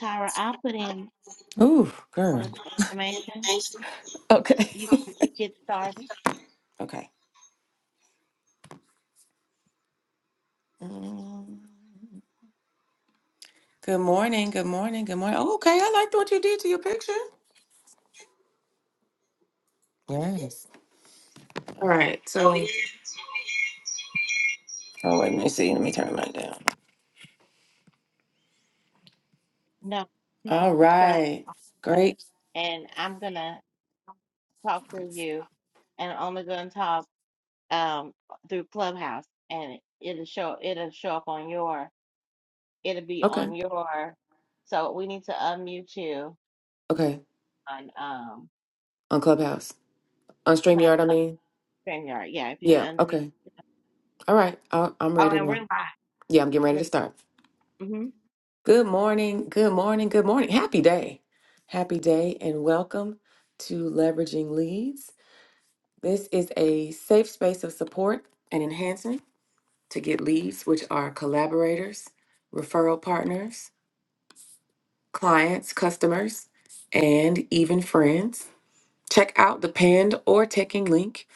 Tyra, I'll put in Ooh, girl. some information. Okay. You can get started. Okay. Mm. Good morning. Good morning. Good morning. Oh, okay. I liked what you did to your picture. Yes. All right. So Oh, wait. Let me see. Let me turn mine down. No, All myself, right. Great. and I'm gonna talk through you, and only gonna talk um through Clubhouse, and it'll show it'll show up on your it'll be Okay. on your. So we need to unmute you Okay. on um On Clubhouse. On not StreamYard, I up mean. StreamYard. Yeah, if you Yeah. can unmute. Okay. All right. I- I'm Oh, ready and now. we're live. Yeah, I'm getting ready to start. hmm Good morning. Good morning. Good morning. Happy day. Happy day and welcome to Leveraging Leads. This is a safe space of support and enhancement to get leads, which are collaborators, referral partners, clients, customers, and even friends. Check out the pinned or taking link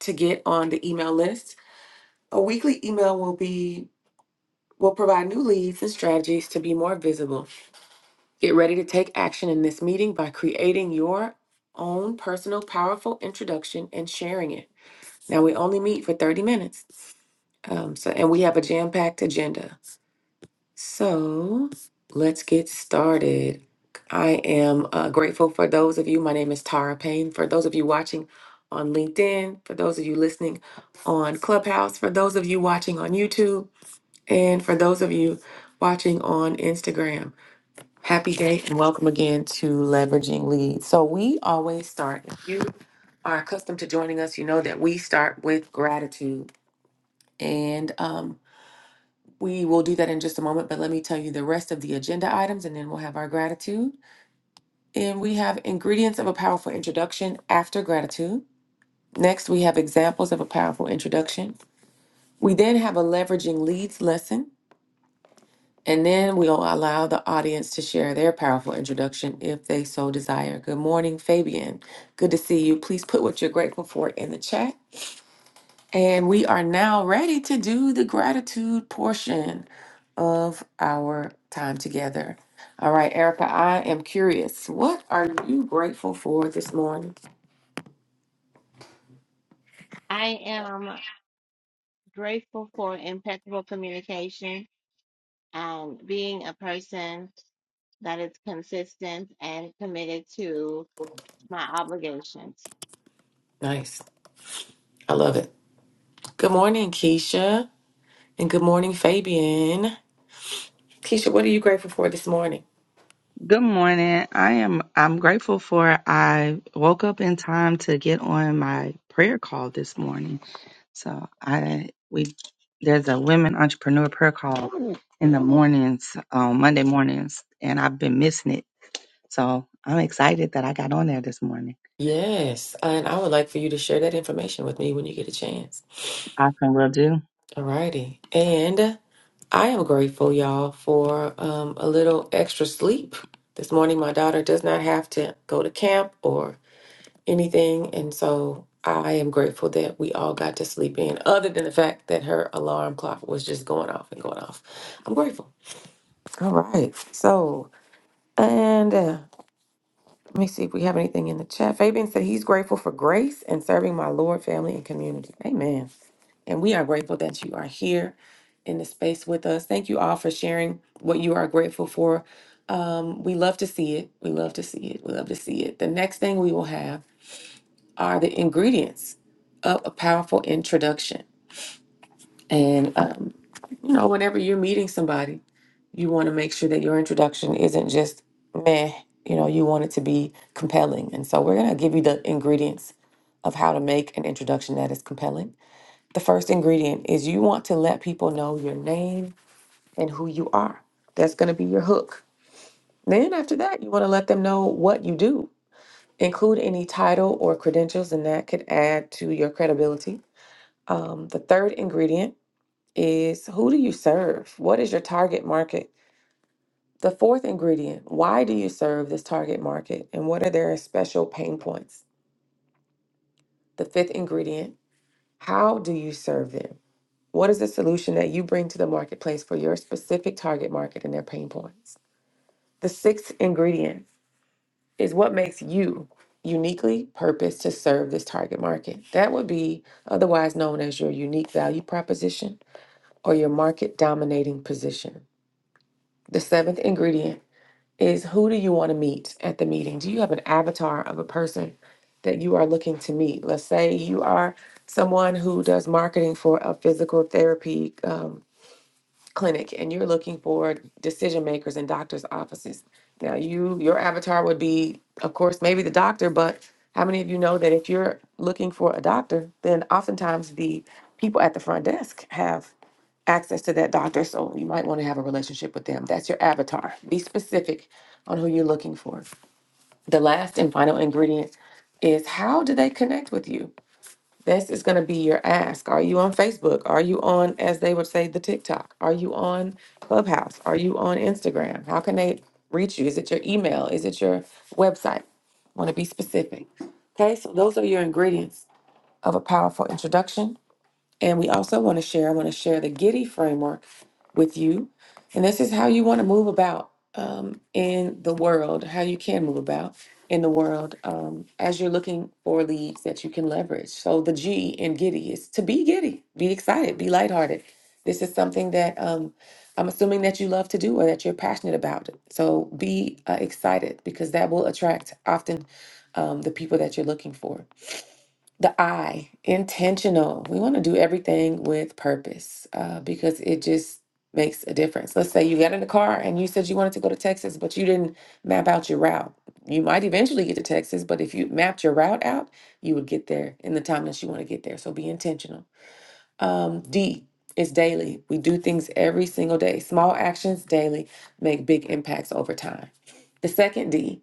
to get on the email list. A weekly email will be will provide new leads and strategies to be more visible. Get ready to take action in this meeting by creating your own personal powerful introduction and sharing it. Now we only meet for 30 minutes. Um, so, and we have a jam-packed agenda. So, let's get started. I am uh, grateful for those of you. My name is Tara Payne. For those of you watching on LinkedIn, for those of you listening on Clubhouse, for those of you watching on YouTube, and for those of you watching on Instagram. Happy day and welcome again to Leveraging Leads. So, we always start, if you are accustomed to joining us, you know that we start with gratitude. And um, We will do that in just a moment, but let me tell you the rest of the agenda items and then we'll have our gratitude. And we have ingredients of a powerful introduction after gratitude. Next, we have examples of a powerful introduction. We then have a leveraging leads lesson. And then we'll allow the audience to share their powerful introduction if they so desire. Good morning, Fabian. Good to see you. Please put what you're grateful for in the chat. And we are now ready to do the gratitude portion of our time together. All right, Erica, I am curious. What are you grateful for this morning? I am grateful for impeccable communication and being a person. that it's consistent and committed to my obligations. Nice. I love it. Good morning, Keisha. And good morning, Fabian. Keisha, what are you grateful for this morning? Good morning. I am I'm grateful for I woke up in time to get on my prayer call this morning. So I we there's a women entrepreneur prayer call in the mornings, um, Monday mornings, and I've been missing it. So I'm excited that I got on there this morning. Yes. And I would like for you to share that information with me when you get a chance. Often will do. All righty. And I am grateful, y'all, for um, a little extra sleep. This morning, my daughter does not have to go to camp or anything. And so I am grateful that we all got to sleep in, other than the fact that her alarm clock was just going off and going off. I'm grateful. All right. So, and. Let me see if we have anything in the chat. Fabian said he's grateful for grace and serving my Lord, family, and community. Amen. And we are grateful that you are here in the space with us. Thank you all for sharing what you are grateful for. Um, we love to see it. We love to see it. We love to see it. The next thing we will have are the ingredients of a powerful introduction. And, um, you know, whenever you're meeting somebody, you want to make sure that your introduction isn't just meh. You know, you want it to be compelling. And so we're going to give you the ingredients of how to make an introduction that is compelling. The first ingredient is you want to let people know your name and who you are. That's going to be your hook. Then after that, you want to let them know what you do. Include any title or credentials, and that could add to your credibility. Um, the third ingredient is who do you serve? What is your target market? The fourth ingredient why do you serve this target market and what are their special pain points? The fifth ingredient how do you serve them? What is the solution that you bring to the marketplace for your specific target market and their pain points? The sixth ingredient is what makes you uniquely purposed to serve this target market. That would be otherwise known as your unique value proposition or your market dominating position. The seventh ingredient is who do you want to meet at the meeting? Do you have an avatar of a person that you are looking to meet? Let's say you are someone who does marketing for a physical therapy um, clinic and you're looking for decision makers in doctors' offices. Now, you your avatar would be, of course, maybe the doctor, but how many of you know that if you're looking for a doctor, then oftentimes the people at the front desk have access to that doctor. So you might want to have a relationship with them. That's your avatar. Be specific on who you're looking for. The last and final ingredient is how do they connect with you? This is going to be your ask. Are you on Facebook? Are you on, as they would say, the TikTok? Are you on Clubhouse? Are you on Instagram? How can they reach you? Is it your email? Is it your website? Want to be specific. Okay, so those are your ingredients of a powerful introduction. And we also want to share, I want to share the Giddy framework with you. And this is how you want to move about um, in the world, how you can move about in the world um, as you're looking for leads that you can leverage. So the G in Giddy is to be giddy, be excited, be lighthearted. This is something that um, I'm assuming that you love to do or that you're passionate about. So be uh, excited because that will attract often um, the people that you're looking for. The I, intentional. We want to do everything with purpose uh, because it just makes a difference. Let's say you got in the car and you said you wanted to go to Texas, but you didn't map out your route. You might eventually get to Texas, but if you mapped your route out, you would get there in the time that you want to get there. So be intentional. Um, D is daily. We do things every single day. Small actions daily make big impacts over time. The second D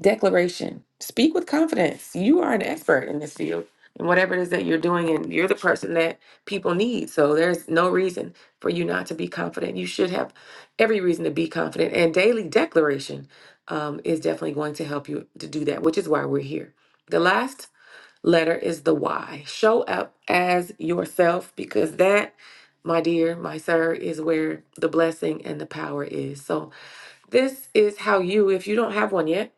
Declaration. Speak with confidence. You are an expert in this field and whatever it is that you're doing, and you're the person that people need. So there's no reason for you not to be confident. You should have every reason to be confident. And daily declaration um, is definitely going to help you to do that, which is why we're here. The last letter is the why. Show up as yourself because that, my dear, my sir, is where the blessing and the power is. So this is how you, if you don't have one yet,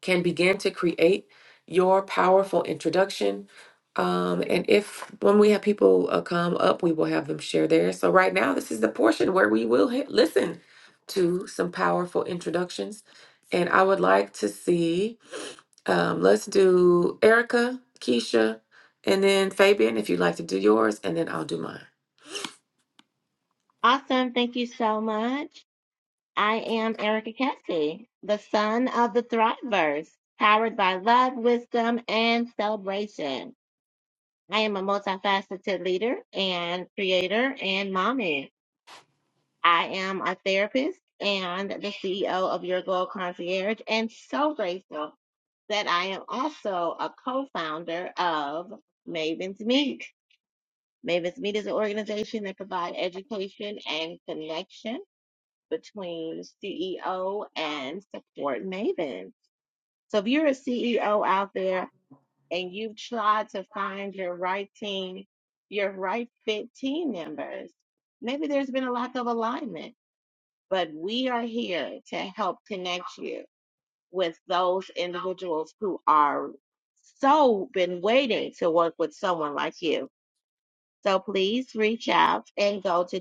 can begin to create your powerful introduction. Um, and if when we have people uh, come up, we will have them share theirs. So right now, this is the portion where we will hit, listen to some powerful introductions. And I would like to see, um, let's do Erica, Keisha, and then Fabian, if you'd like to do yours, and then I'll do mine. Awesome. Thank you so much. I am Erica Cassie, the son of the Thriveverse, powered by love, wisdom, and celebration. I am a multifaceted leader and creator and mommy. I am a therapist and the CEO of Your Goal Concierge, and so grateful that I am also a co founder of Maven's Meet. Mavis Meet is an organization that provides education and connection between CEO and support Maven. So if you're a CEO out there and you've tried to find your right team, your right fit team members, maybe there's been a lack of alignment, but we are here to help connect you with those individuals who are so been waiting to work with someone like you. So please reach out and go to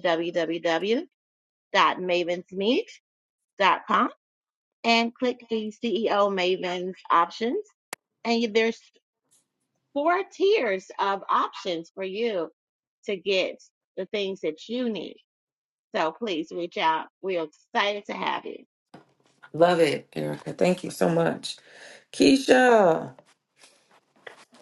www.mavensmeet.com and click the CEO Mavens options. And there's four tiers of options for you to get the things that you need. So please reach out. We're excited to have you. Love it, Erica. Thank you so much. Keisha.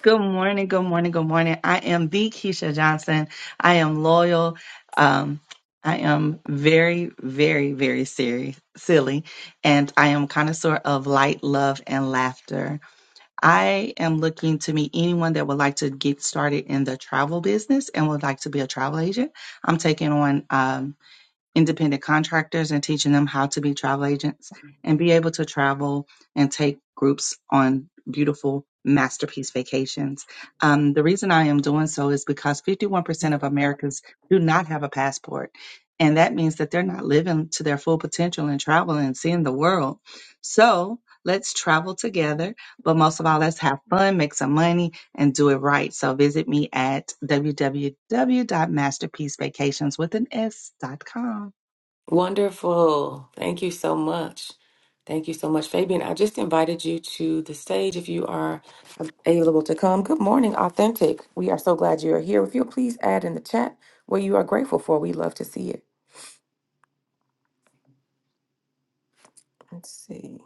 Good morning, good morning, good morning. I am the Keisha Johnson. I am loyal. Um, I am very, very, very serious, silly, and I am connoisseur of light, love, and laughter. I am looking to meet anyone that would like to get started in the travel business and would like to be a travel agent. I'm taking on um, independent contractors and teaching them how to be travel agents and be able to travel and take groups on beautiful masterpiece vacations. Um, the reason I am doing so is because 51% of Americans do not have a passport. And that means that they're not living to their full potential in travel and seeing the world. So let's travel together. But most of all, let's have fun, make some money, and do it right. So visit me at www.masterpiecevacations with an S.com. Wonderful. Thank you so much. Thank you so much, Fabian. I just invited you to the stage if you are available to come. Good morning, Authentic. We are so glad you are here. If you'll please add in the chat what you are grateful for, we love to see it. Let's see.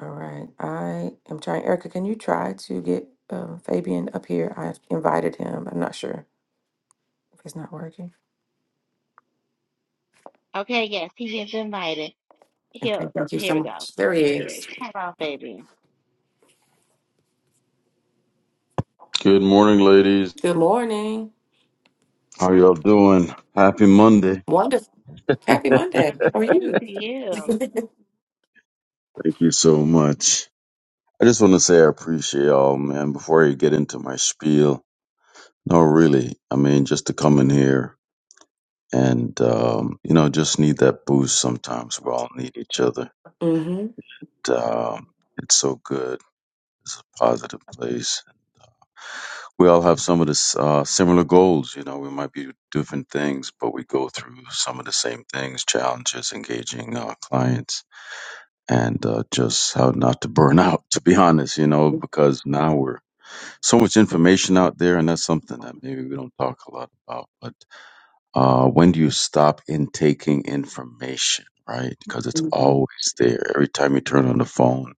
All right. I am trying. Erica, can you try to get um, Fabian up here? I've invited him. I'm not sure if it's not working. Okay, yes, he is invited. Okay. Here, Thank you here so we go. much. There he Here he is. is. Hello, baby. Good morning, ladies. Good morning. How y'all doing? Happy Monday. Wonderful. Happy Monday. Happy How are day you? to you. Thank you so much. I just want to say I appreciate y'all, man. Before I get into my spiel, no, really, I mean, just to come in here and, um, you know, just need that boost sometimes. We all need each other. mm-hmm. And, um, it's so good. It's a positive place. We all have some of the uh, similar goals. You know, we might be different things, but we go through some of the same things, challenges, engaging uh, clients and uh, just how not to burn out, to be honest, you know, because now we're so much information out there, and that's something that maybe we don't talk a lot about. But uh, when do you stop intaking information, right? Because it's Mhm. always there. Every time you turn on the phone,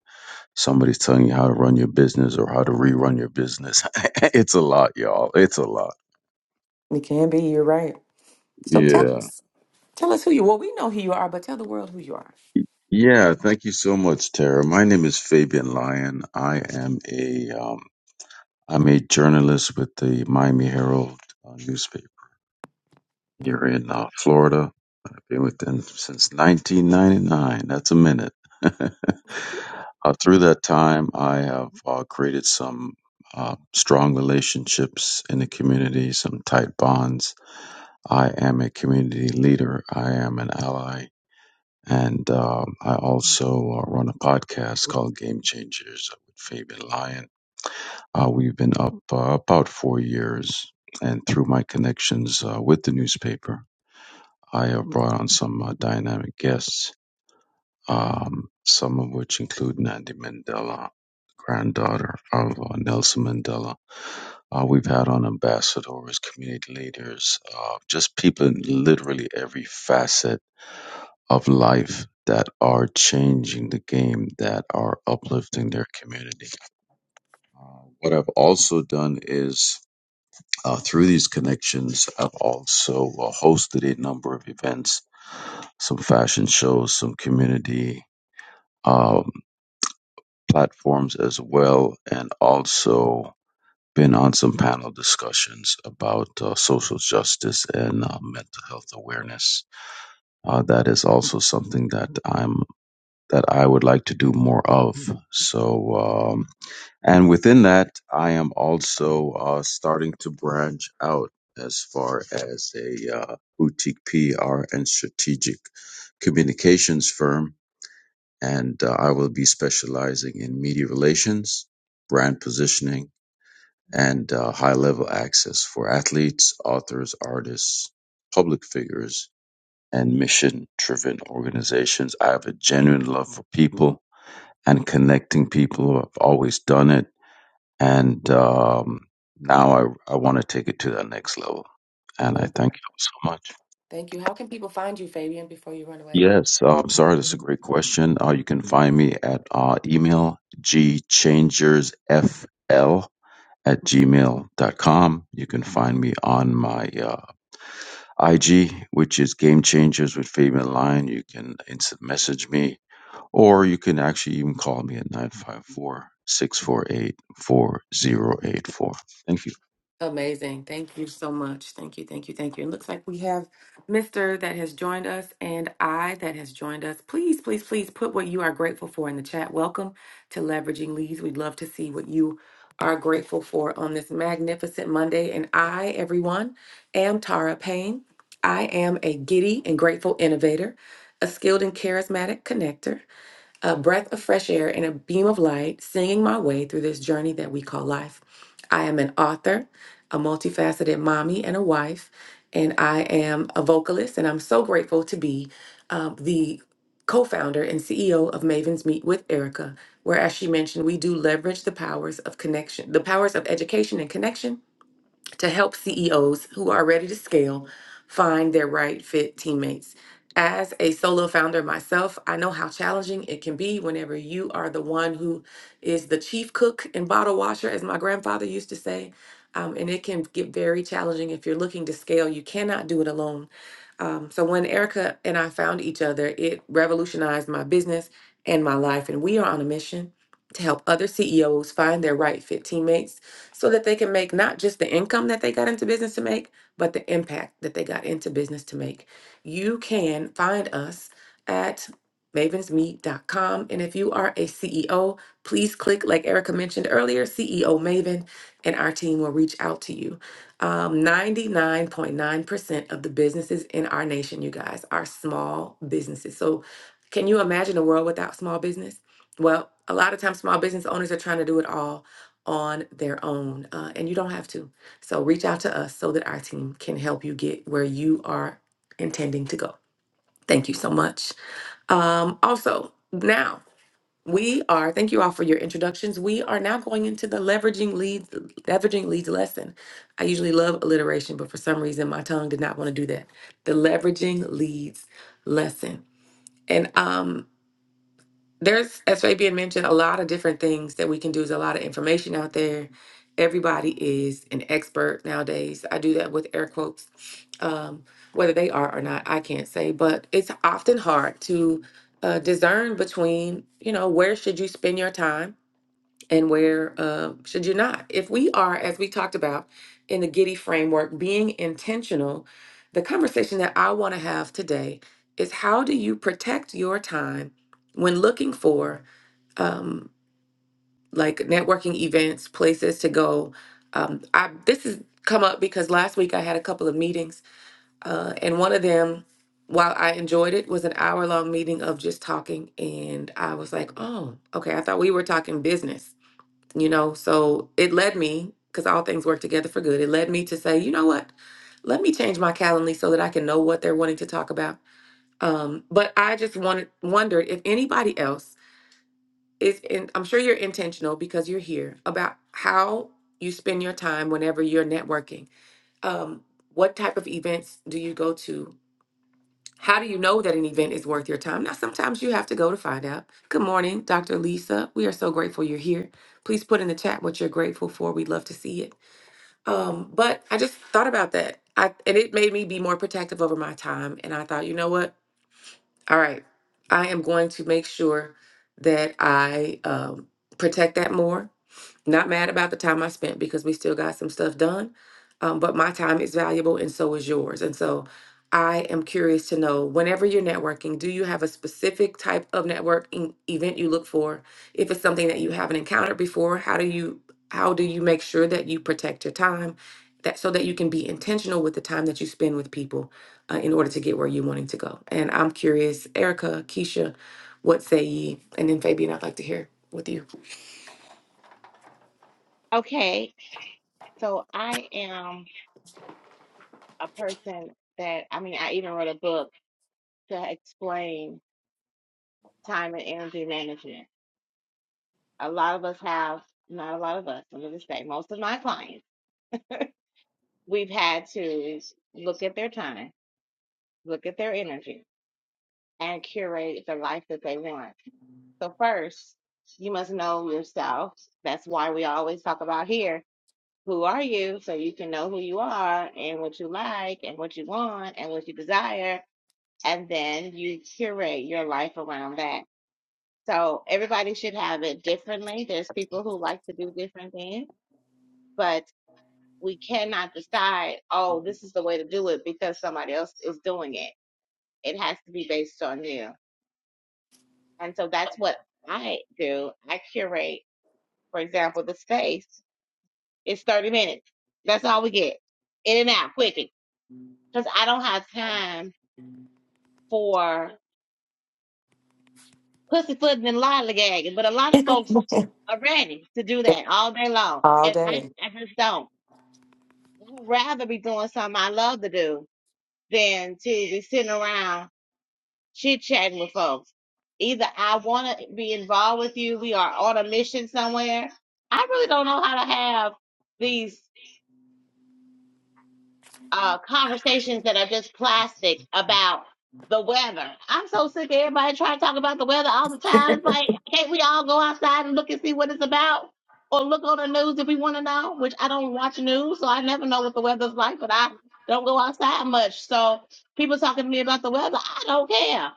somebody's telling you how to run your business or how to rerun your business. it's a lot, y'all. It's a lot. It can be. You're right. So tell Yeah. us, tell us who you. Well, we know who you are, but tell the world who you are. Yeah, thank you so much, Tara. My name is Fabian Lyon. I am a um, I'm a journalist with the Miami Herald uh, newspaper here in uh, Florida. I've been with them since 1999. That's a minute. uh, through that time, I have uh, created some uh, strong relationships in the community, some tight bonds. I am a community leader, I am an ally, and um I also uh, run a podcast called Game Changers with Fabian Lyon uh, we've been up uh, about four years, and through my connections uh, with the newspaper, I have brought on some uh, dynamic guests, um, some of which include Nandi Mandela, granddaughter of uh, Nelson Mandela. Uh, we've had on ambassadors, community leaders, uh, just people in literally every facet of life that are changing the game, that are uplifting their community. Uh, what I've also done is Uh, through these connections, I've also uh, hosted a number of events, some fashion shows, some community um, platforms as well, and also been on some panel discussions about uh, social justice and uh, mental health awareness. Uh, that is also something that I'm that I would like to do more of. So. Um, And within that, I am also uh, starting to branch out as far as a uh, boutique PR and strategic communications firm. And uh, I will be specializing in media relations, brand positioning, and uh, high level access for athletes, authors, artists, public figures, and mission driven organizations. I have a genuine love for people and connecting people. I've always done it and um, now I, I want to take it to that next level. And I Love thank that. you so much. Thank you. How can people find you, Fabian? Before you run away. Yes, um, sorry, that's a great question. Uh, you can find me at uh, email gchangersfl at gmail dot com. You can find me on my uh, IG, which is Game Changers with Fabian Line. You can instant message me, or you can actually even call me at 954 648 4084. Thank you. Amazing. Thank you so much. Thank you, thank you, thank you. It looks like we have Mr. that has joined us and I that has joined us. Please, please, please put what you are grateful for in the chat. Welcome to Leveraging Leads. We'd love to see what you are grateful for on this magnificent Monday. And I, everyone, am Tara Payne. I am a giddy and grateful innovator, a skilled and charismatic connector a breath of fresh air and a beam of light, singing my way through this journey that we call life. I am an author, a multifaceted mommy, and a wife, and I am a vocalist. And I'm so grateful to be um, the co founder and CEO of Maven's Meet with Erica, where, as she mentioned, we do leverage the powers of connection, the powers of education and connection to help CEOs who are ready to scale find their right fit teammates. As a solo founder myself, I know how challenging it can be whenever you are the one who is the chief cook and bottle washer, as my grandfather used to say. Um, and it can get very challenging if you're looking to scale. You cannot do it alone. Um, so when Erica and I found each other, it revolutionized my business and my life. And we are on a mission to help other CEOs find their right fit teammates so that they can make not just the income that they got into business to make, but the impact that they got into business to make. You can find us at mavensmeet.com. And if you are a CEO, please click, like Erica mentioned earlier, CEO Maven, and our team will reach out to you. Um, 99.9% of the businesses in our nation, you guys, are small businesses. So, can you imagine a world without small business? Well, a lot of times small business owners are trying to do it all on their own, uh, and you don't have to. So reach out to us so that our team can help you get where you are intending to go. Thank you so much. Um, also, now we are. Thank you all for your introductions. We are now going into the leveraging leads, leveraging leads lesson. I usually love alliteration, but for some reason my tongue did not want to do that. The leveraging leads lesson, and um there's, as Fabian mentioned, a lot of different things that we can do. There's a lot of information out there. Everybody is an expert nowadays. I do that with air quotes. Um, whether they are or not, I can't say, but it's often hard to uh, discern between, you know, where should you spend your time and where uh, should you not? If we are, as we talked about in the Giddy framework, being intentional, the conversation that I want to have today is how do you protect your time when looking for um, like networking events, places to go. Um, I this has come up because last week I had a couple of meetings, uh, and one of them, while I enjoyed it, was an hour long meeting of just talking, and I was like, oh, okay, I thought we were talking business you know so it led me because all things work together for good it led me to say you know what let me change my calendly so that i can know what they're wanting to talk about um, but i just wanted wondered if anybody else is in i'm sure you're intentional because you're here about how you spend your time whenever you're networking um, what type of events do you go to how do you know that an event is worth your time? Now, sometimes you have to go to find out. Good morning, Dr. Lisa. We are so grateful you're here. Please put in the chat what you're grateful for. We'd love to see it. Um, but I just thought about that. I, and it made me be more protective over my time. And I thought, you know what? All right. I am going to make sure that I um, protect that more. Not mad about the time I spent because we still got some stuff done, um, but my time is valuable and so is yours. And so I am curious to know whenever you're networking, do you have a specific type of networking event you look for? If it's something that you haven't encountered before, how do you how do you make sure that you protect your time that so that you can be intentional with the time that you spend with people? uh, in order to get where you're wanting to go. And I'm curious, Erica, Keisha, what say ye? And then Fabian, I'd like to hear with you. Okay, so I am. a person that I mean, I even wrote a book to explain time and energy management. A lot of us have, not a lot of us, I'm going to say, most of my clients, we've had to look at their time, look at their energy, and curate the life that they want. So, first, you must know yourself. That's why we always talk about here who are you so you can know who you are and what you like and what you want and what you desire. And then you curate your life around that So everybody should have it differently. There's people who like to do different things, but we cannot decide, oh, this is the way to do it because somebody else is doing it. It has to be based on you. And so that's what I do. I curate, for example, the space It's 30 minutes. That's all we get. In and out quickly. Because I don't have time for pussyfooting and lollygagging. But a lot of folks are ready to do that all day long. All And I, day. I just don't. I'd rather be doing something I love to do than to be sitting around chit chatting with folks. Either I want to be involved with you, we are on a mission somewhere. I really don't know how to have these. uh, conversations that are just plastic about the weather. I'm so sick of everybody trying to talk about the weather all the time. It's like, can't we all go outside and look and see what it's about? Or look on the news if we want to know, which I don't watch news, so I never know what the weather's like, but I don't go outside much. So people talking to me about the weather, I don't care.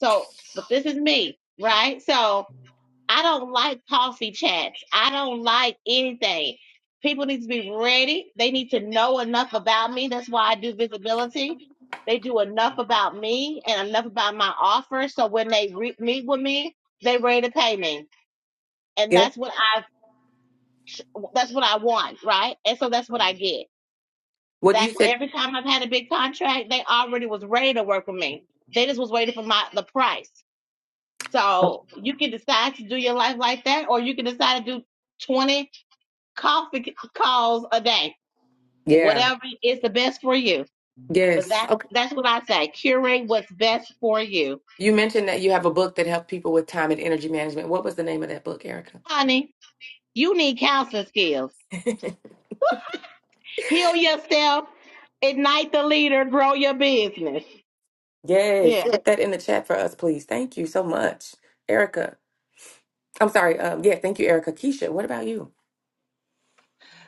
So, but this is me, right? So, I don't like coffee chats. I don't like anything. People need to be ready. They need to know enough about me. That's why I do visibility. They do enough about me and enough about my offer. So when they re- meet with me, they ready to pay me. And Yeah. that's what I, that's what I want, right? And so that's what I get. What you That's said? every time I've had a big contract, they already was ready to work with me. They just was waiting for my the price. So you can decide to do your life like that, or you can decide to do 20 coffee calls a day, Yeah. whatever is the best for you. But Yes. that Okay. that's what I say, curing what's best for you. You mentioned that you have a book that helped people with time and energy management. What was the name of that book, Erica? Honey, you need counseling skills. Heal yourself, ignite the leader, grow your business. Yes. Yeah. Put that in the chat for us, please. Thank you so much, Erica. I'm sorry. Um, yeah. Thank you, Erica. Keisha, what about you?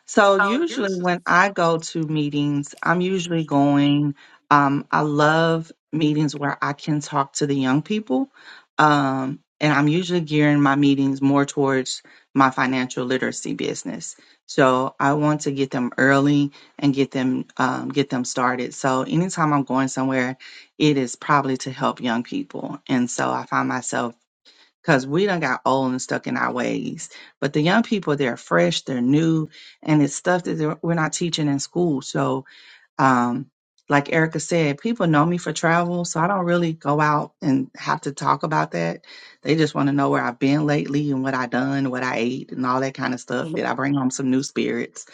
So usually when I go to meetings, I'm usually going. Um, I love meetings where I can talk to the young people, um, and I'm usually gearing my meetings more towards my financial literacy business. So I want to get them early and get them um, get them started. So anytime I'm going somewhere, it is probably to help young people, and so I find myself because we done got old and stuck in our ways. But the young people, they're fresh, they're new, and it's stuff that they're- we're not teaching in school. So um, like Erica said, people know me for travel, so I don't really go out and have to talk about that. They just want to know where I've been lately and what I done, what I ate, and all that kind of stuff. Did I bring home some new spirits?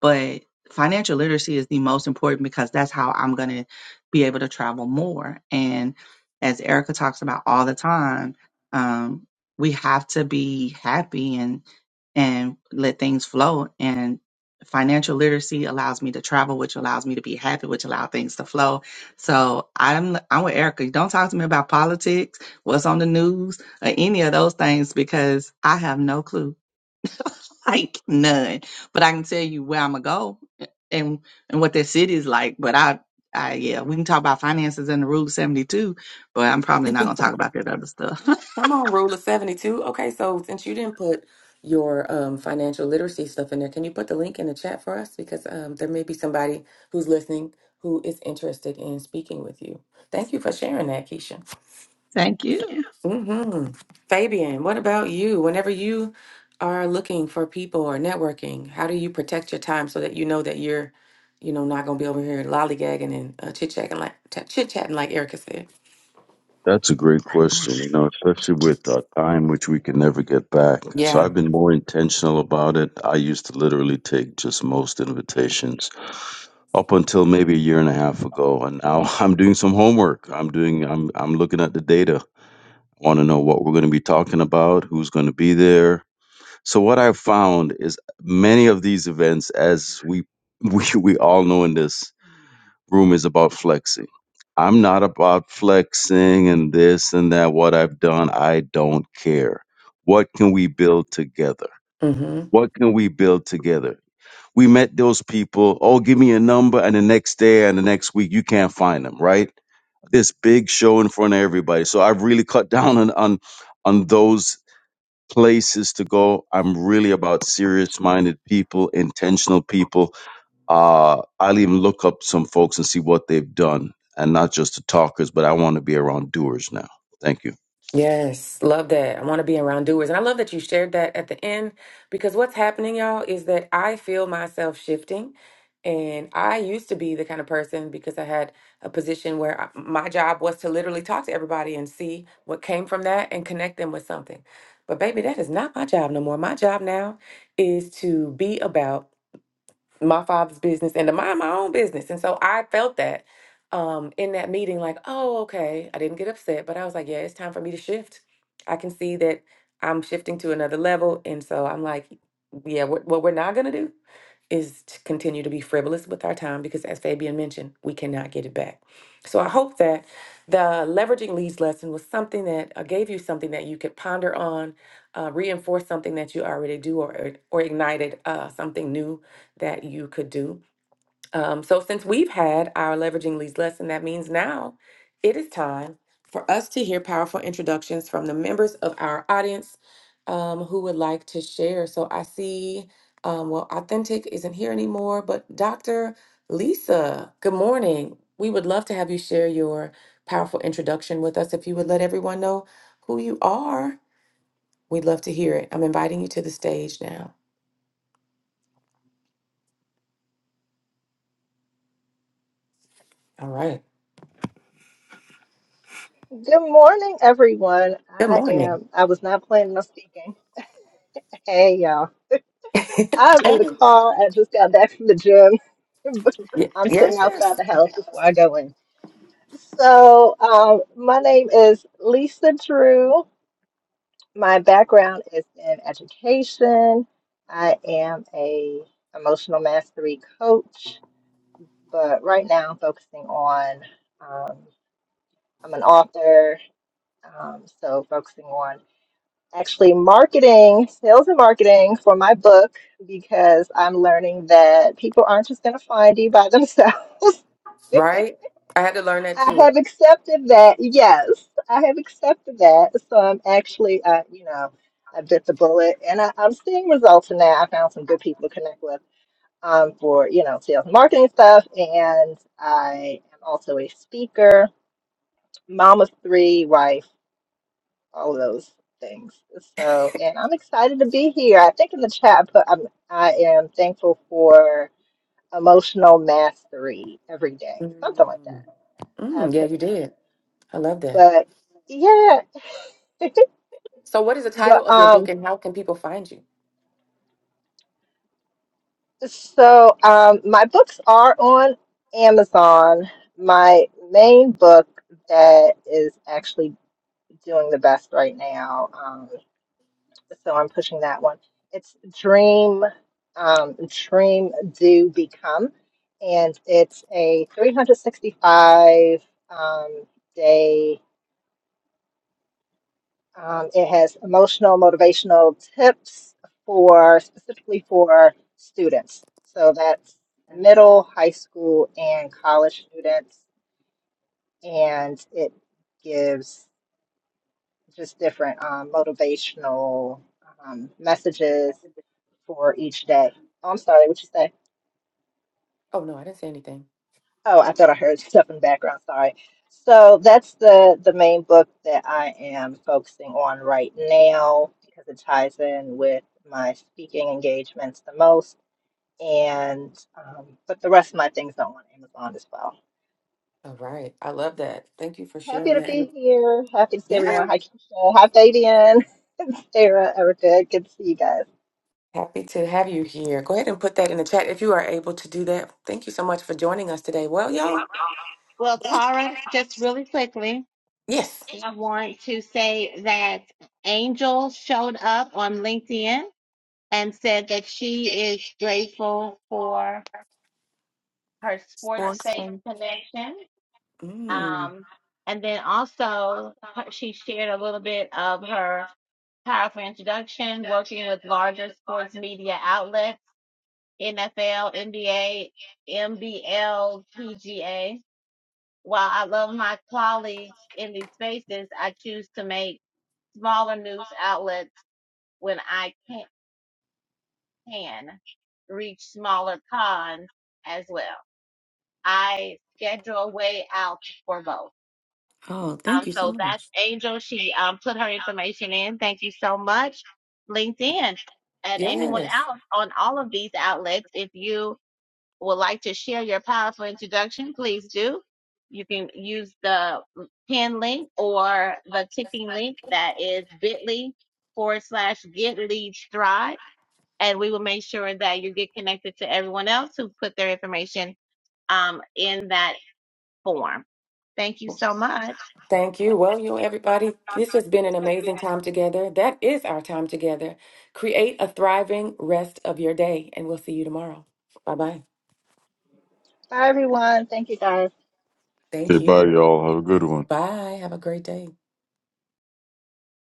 But financial literacy is the most important because that's how I'm going to be able to travel more. And as Erica talks about all the time, um, we have to be happy and and let things flow. and financial literacy allows me to travel, which allows me to be happy, which allow things to flow. So I'm I'm with Erica. Don't talk to me about politics, what's on the news, or any of those things because I have no clue, like none. But I can tell you where I'm gonna go and and what that city is like. But I, I yeah, we can talk about finances and the Rule 72, but I'm probably not gonna talk about that other stuff. Come on, rule of 72. Okay, so since you didn't put your um, financial literacy stuff in there, can you put the link in the chat for us? Because um, there may be somebody who's listening who is interested in speaking with you. Thank you for sharing that, Keisha. Thank you. hmm Fabian, what about you? Whenever you are looking for people or networking, how do you protect your time so that you know that you're, you know, not gonna be over here lollygagging and uh, chit chatting like chit chatting like Erica said? That's a great question, you know, especially with uh, time, which we can never get back. So Yeah. I've been more intentional about it. I used to literally take just most invitations up until maybe a year and a half ago, and now I'm doing some homework. I'm doing, I'm, I'm looking at the data. I want to know what we're going to be talking about, who's going to be there. So what I've found is many of these events, as we we we all know in this room is about flexing. I'm not about flexing and this and that, what I've done. I don't care. What can we build together? What can we build together? We met those people. Oh, give me a number. And the next day and the next week, you can't find them, right? This big show in front of everybody. So I've really cut down on, on, on those places to go. I'm really about serious minded people, intentional people uh, I'll even look up some folks and see what they've done, and not just the talkers, but I want to be around doers now. Thank you. Yes, love that. I want to be around doers. And I love that you shared that at the end because what's happening, y'all, is that I feel myself shifting. And I used to be the kind of person because I had a position where I- my job was to literally talk to everybody and see what came from that and connect them with something. But baby, that is not my job no more. My job now is to be about my father's business and to mind my own business. And so I felt that um, in that meeting, like, oh, okay. I didn't get upset, but I was like, yeah, it's time for me to shift. I can see that I'm shifting to another level. And so I'm like, yeah, what, what we're not going to do is to continue to be frivolous with our time because, as Fabian mentioned, we cannot get it back. So I hope that the leveraging leads lesson was something that uh, gave you something that you could ponder on, uh, reinforce something that you already do, or, or ignited uh, something new that you could do. Um, so, since we've had our leveraging leads lesson, that means now it is time for us to hear powerful introductions from the members of our audience um, who would like to share. So, I see, um, well, Authentic isn't here anymore, but Dr. Lisa, good morning. We would love to have you share your powerful introduction with us. If you would let everyone know who you are, we'd love to hear it. I'm inviting you to the stage now. All right. Good morning, everyone. Good I morning. am, I was not planning on speaking. Hey, y'all. I'm in the car. I just got back from the gym. Ye- I'm Yes, sitting outside Yes. the house before I go in. So, um, my name is Lisa Drew. My background is in education. I am a emotional mastery coach, but right now I'm focusing on, um, I'm an author, um, so focusing on actually marketing, sales and marketing for my book because I'm learning that people aren't just going to find you by themselves. right? I had to learn that I too. have accepted that. Yes, I have accepted that. So I'm actually, uh, you know, I bit the bullet and I, I'm seeing results in that. I found some good people to connect with um, for, you know, sales and marketing stuff. And I am also a speaker, mom of three, wife. all of those things. So, and I'm excited to be here. I think in the chat, but I'm, I am thankful for emotional mastery every day, something like Mm. that. I Mm, yeah, put you did. in I love there, that. but yeah, So, what is the title but of your book um, and how can people find you? so um, my books are on Amazon. My main book that is actually doing the best right now. um, so I'm pushing that one. It's Dream, um, Dream Do Become, and it's a 365 um, day. Um, it has emotional, motivational tips for specifically for students. So that's middle, high school, and college students, and it gives just different um, motivational um, messages for each day. Oh, I'm sorry, what you say? Oh, no, I didn't say anything. Oh, I thought I heard stuff in the background. Sorry. So that's the the main book that I am focusing on right now because it ties in with my speaking engagements the most. And um, but the rest of my things are on Amazon as well. All right. I love that. Thank you for Happy sharing to that. be And- here. Happy to see yeah. everyone. Hi, Keisha. Hi, Fabian. Sarah, Erica. Good to see you guys. Happy to have you here. Go ahead and put that in the chat if you are able to do that. Thank you so much for joining us today. Well, y'all, Well, Tara, just really quickly, yes. I want to say that Angel showed up on LinkedIn and said that she is grateful for her sports safe connection Mm. Um, and then also, her- she shared a little bit of her powerful introduction working with larger sports media outlets, NFL, NBA, MBL, PGA. While I love my colleagues in these spaces, I choose to make smaller news outlets when I can, can reach smaller cons as well. I schedule way out for both. Oh, Um, thank you so so that's much. Angel. She um, put her information in. Thank you so much, LinkedIn, and anyone Yes. else on all of these outlets. If you would like to share your powerful introduction, please do. You can use the pin link or the ticking link that is bit.ly forward slash get leads thrive. And we will make sure that you get connected to everyone else who put their information um, in that form. Thank you so much. Thank you. Well, you know, everybody, this has been an amazing time together. That is our time together. Create a thriving rest of your day, and we'll see you tomorrow. Bye bye. Bye, everyone. Thank you, guys. Okay, Thank bye, you. y'all. Have a good one. Bye. Have a great day.